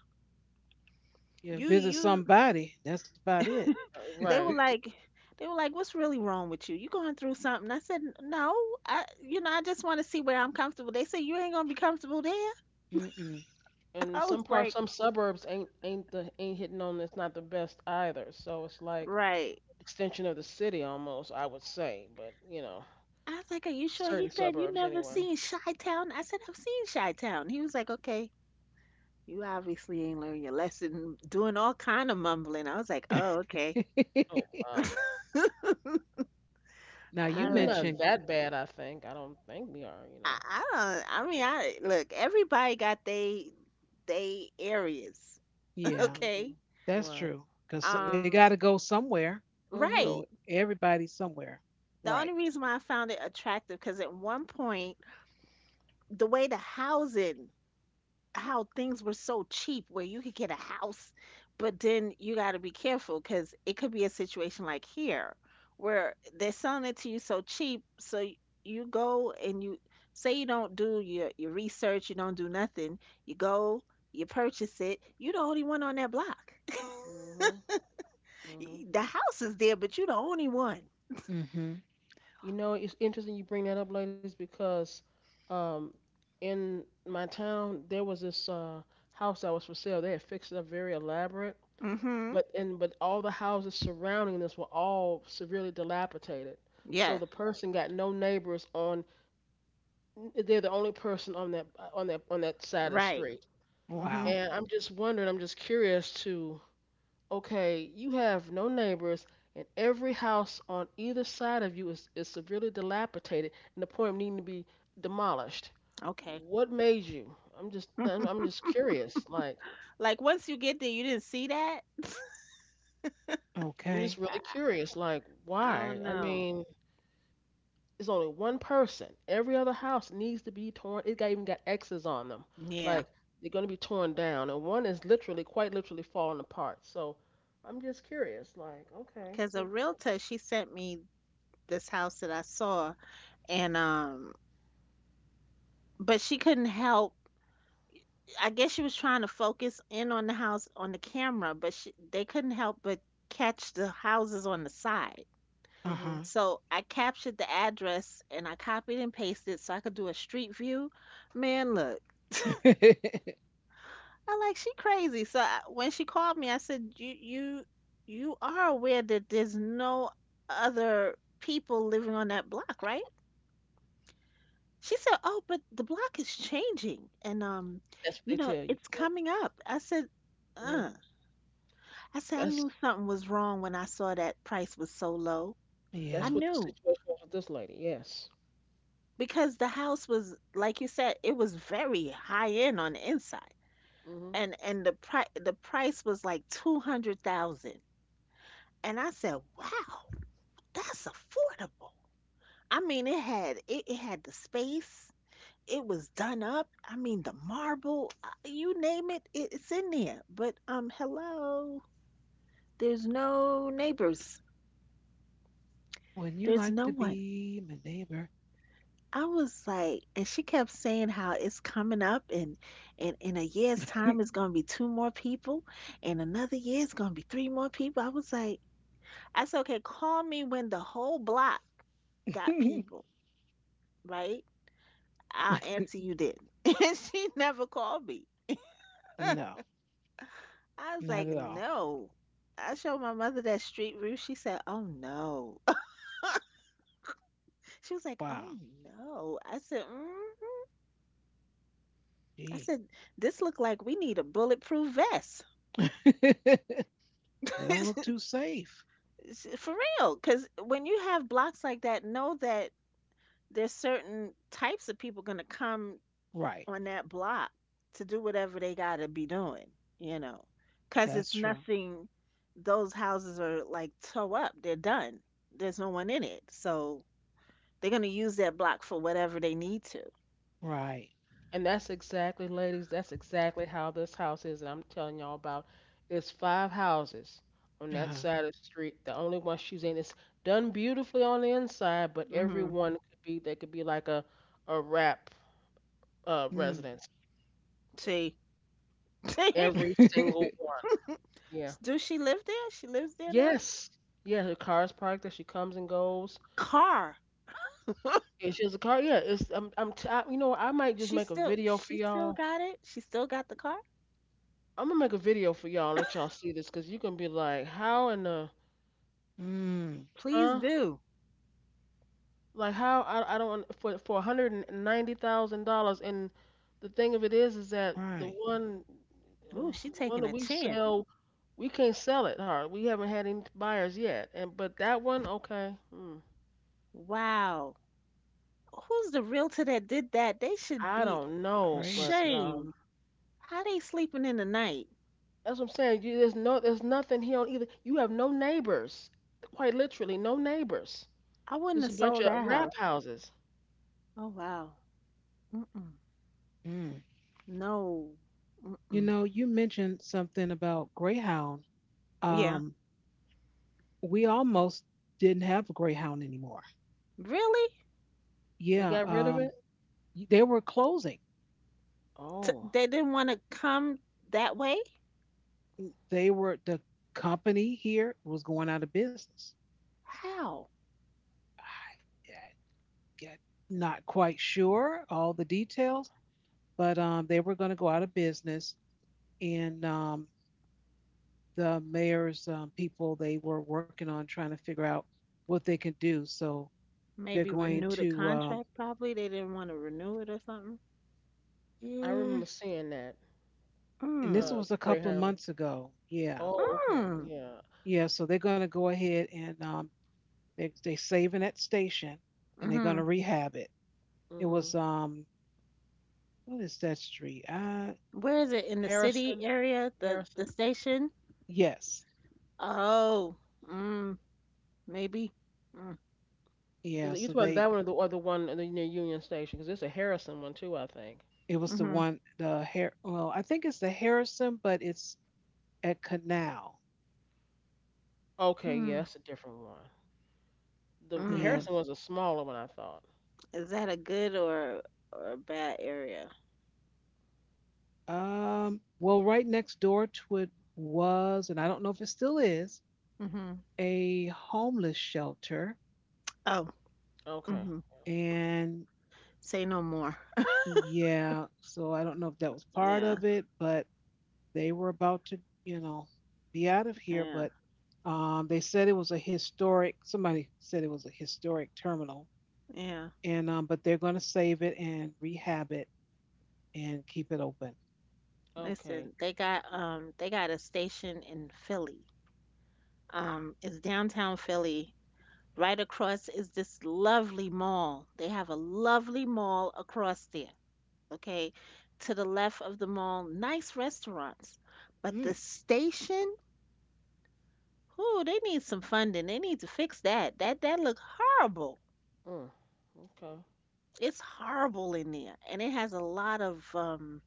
You you, visit you. somebody, that's about it. They were Right. like, what's really wrong with you? You going through something? I said, no, I just want to see where I'm comfortable. They said you ain't gonna be comfortable there. Mm-mm. And I was some parts, like, some suburbs ain't ain't the ain't hitting on it's not the best either. So it's like right. extension of the city almost, I would say. But you know, I was like, are you sure? He certain said, you suburbs never anyway. seen Chi-Town? I said, I've seen Chi-Town. He was like, okay, you obviously ain't learned your lesson, doing all kind of mumbling. I was like, oh, okay. Oh wow. I Now mean, All you we right. not mentioned, gr- that bad, I think. I don't think we are, you know. I don't. I mean, I look. Everybody got they areas. yeah, Okay. Mhm. that's Right. true because Yeah. they Um. got to go somewhere. Mhm. Right. So everybody's somewhere, The only right? reason why I found it attractive because at one point the way the housing, how things were so cheap where you could get a house, but then you got to be careful because it could be a situation like here where they're selling it to you so cheap. You go and you say you don't do your research, you don't do nothing. You go, you purchase it. You're the only one on that block. Mhm. Y- Mhm. The house is there, but you're the only one. Mm-hmm. You know, it's interesting you bring that up, ladies, because um, in my town there was this house that was for sale. They had fixed it up very elaborate, Mm-hmm. but and but all the houses surrounding this were all severely dilapidated. So Yes. the person got no neighbors on. They're the only person on that on that side of the Right. street. Mm-hmm. Wow. And I'm just wondering. I'm just curious to. Okay, you have no neighbors, and every house on either side of you is severely dilapidated, and the point of needing to be demolished. Okay. What made you? I'm just curious. Like Like once you get there, you didn't see that. I'm just Okay. I, I really curious. Like I why? don't I know. mean, it's only one person. Every other house needs to be torn. It got even got X's on them. Yeah. Like they're going to be torn down, and one is literally, quite literally, falling apart. So I'm just curious. Like okay, Because a what? realtor, she sent me this house that I saw, and but she couldn't help. I guess she was trying to focus in on the house on the camera, but they couldn't help but catch the houses on the side. Uh Hmm. huh. So I captured the address and I copied and pasted so I could do a street view. Man, look, I like she crazy. When she called me, I said, you are aware that there's no other people living on that block, right?" She said, "Oh, but the block is changing and That's what they you know, tell you. it's Yeah. coming up." I said, Mm-hmm. "Uh." I said I That's knew something was wrong when I saw that price was so low. I that's Yeah. what the knew situation was with this lady. Yes. because the house was like you said, it was very high end on the inside. Hmm. And the price was like 200,000. And I said, "Wow, that's affordable." I mean, it had the space. It was done up. I mean, the marble, you name it, it's in there. But hello, there's no neighbors. When you There's like no to one. be my neighbor. I was like, and she kept saying how it's coming up, and in a year's time, it's gonna be two more people, and another year, it's gonna be three more people. I said, okay, call me when the whole block got people, right? I'll answer you then. And she never called me. No, I was not like, at all. no. I showed my mother that street view. She said, oh no. She was like, oh Wow. no. I said, mm. I Gee. said, this look like we need a bulletproof vest. They don't look too safe. For real. Because when you have blocks like that, know that there's certain types of people going to come Right. on that block to do whatever they got to be doing, you know. Because That's it's true. nothing, those houses are like toe up. They're done. There's no one in it. So they're gonna use that block for whatever they need to. Right. And that's exactly, ladies. That's exactly how this house is. That I'm telling y'all about. It's five houses on that Uh-huh. side of the street. The only one she's in is done beautifully on the inside, but every Mhm. one could be they could be like a wrap Mm. residence. See, Every single one. Yeah. do she live there? She lives there now. Yes. Yeah. Her car's parked there. She comes and goes. Car. It's just a car. Yeah. It's you know, I might just make a video for she still y'all. got it. She still got the car. I'm gonna make a video for y'all and let y'all see this, cause you gonna be like, how in the Mm. Please huh? do. Like how I don't want- for 190 thousand dollars. And the thing of it is that Right. Uh, Ooh, she the one taking that a we chance. sell, we can't sell it hard. We haven't had any buyers yet. And but that one, okay, hmm, Wow. Who's the realtor that did that? They should I be don't know, but Crazy. shame. How they sleeping in the night? that's what I'm saying. You, there's no there's nothing here on either. You have no neighbors, quite literally no neighbors. I wouldn't Just have a bunch sold of that rap house. houses. Oh wow. Mm-mm. Mm. No. You Mm-mm. know, you mentioned something about Greyhound. Yeah. Um, we almost didn't have a Greyhound anymore. Really? They Yeah. got rid of it. They were closing. Oh, They didn't want to come that way? They were the company here was going out of business. How? I. Yeah, not quite sure all the details, but they were going to go out of business. And the mayor's people, they were working on trying to figure out what they can do. So they're Maybe going renew the to, contract, probably. They didn't want to renew it or something. I mm, remember seeing that. and this Mm. Uh, was a couple of Greyhound. months ago. Yeah. Oh, okay, Mm. yeah. Yeah. So they're going to go ahead and they, they're saving that station and they're going Mm-hmm. to rehab it. It Mhm. was, what is that street? Where is it? In the city Harrison, area? The Harrison. station? Yes. Oh. Mm. Maybe. Mm. Yeah. Is it So you talking about they, that one or the one in the near Union Station? Because it's a Harrison one too, I think. it was the Mm-hmm. one the hair. Well, I think it's the Harrison, but it's at Canal. Okay, yeah, Mm. that's a different one. The Yeah. Mm. Harrison was a smaller one, I thought. Is that a good or a bad area? Well, right next door to it was, and I don't know if it still is, Mm-hmm. a homeless shelter. Oh. Okay, Mm-hmm. And Say no more. yeah, so I don't know if that was part Yeah, of it, but they were about to, you know, be out of here. yeah, But they said it was a historic. Somebody said it was a historic terminal, yeah. and but they're going to save it and rehab it and keep it open. okay. Listen, they got a station in Philly, is downtown Philly. Right across is this lovely mall. They have a lovely mall across there. Okay. To the left of the mall, nice restaurants. But the Mm. station, ooh, they need some funding. They need to fix that. That look horrible. Mm. Okay, It's horrible in there. And it has a lot of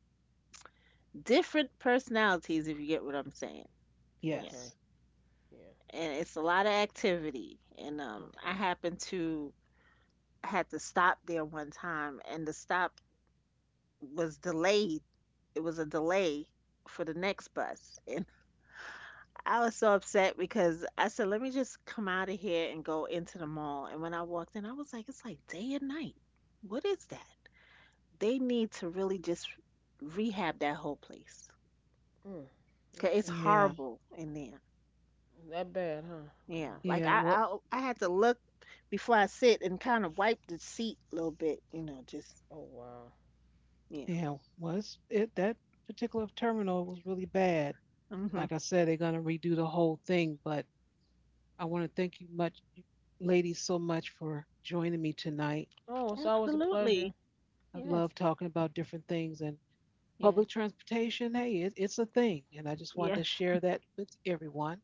different personalities, if you get what I'm saying. Yeah. okay. Yes. Yeah. And it's a lot of activity. And I Okay. happen to had to stop there one time and the stop was delayed. It was a delay for the next bus. And I was so upset because I said, let me just come out of here and go into the mall. And when I walked in, I was like, it's like day and night. What is that? They need to really just rehab that whole place. Mm. 'Cause it's Okay. Yeah. horrible in there. That bad, huh? Yeah. Wow. Like Yeah. Well, I had to look before I sit and kind of wipe the seat a little bit, you know, just Oh wow. yeah. yeah. Was it that particular terminal was really bad? Mhm. Like I said, they're gonna redo the whole thing. But I want to thank you much, ladies, so much for joining me tonight. Oh, it's always a Absolutely. pleasure. I Yes. love talking about different things, and Yeah. public transportation, hey, it's a thing. And I just wanted Yes. to share that with everyone.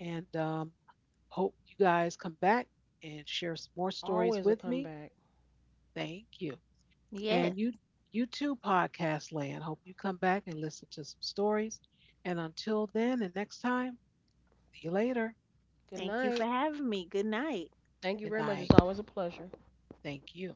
And hope you guys come back and share some more stories Always a with me. comeback. Thank you. Yes. And you, you too, podcast land. Hope you come back and listen to some stories. And until then and next time, see you later. Good Thank you for night. having me. Good night. Thank you Good very much. night. It's always a pleasure. Thank you.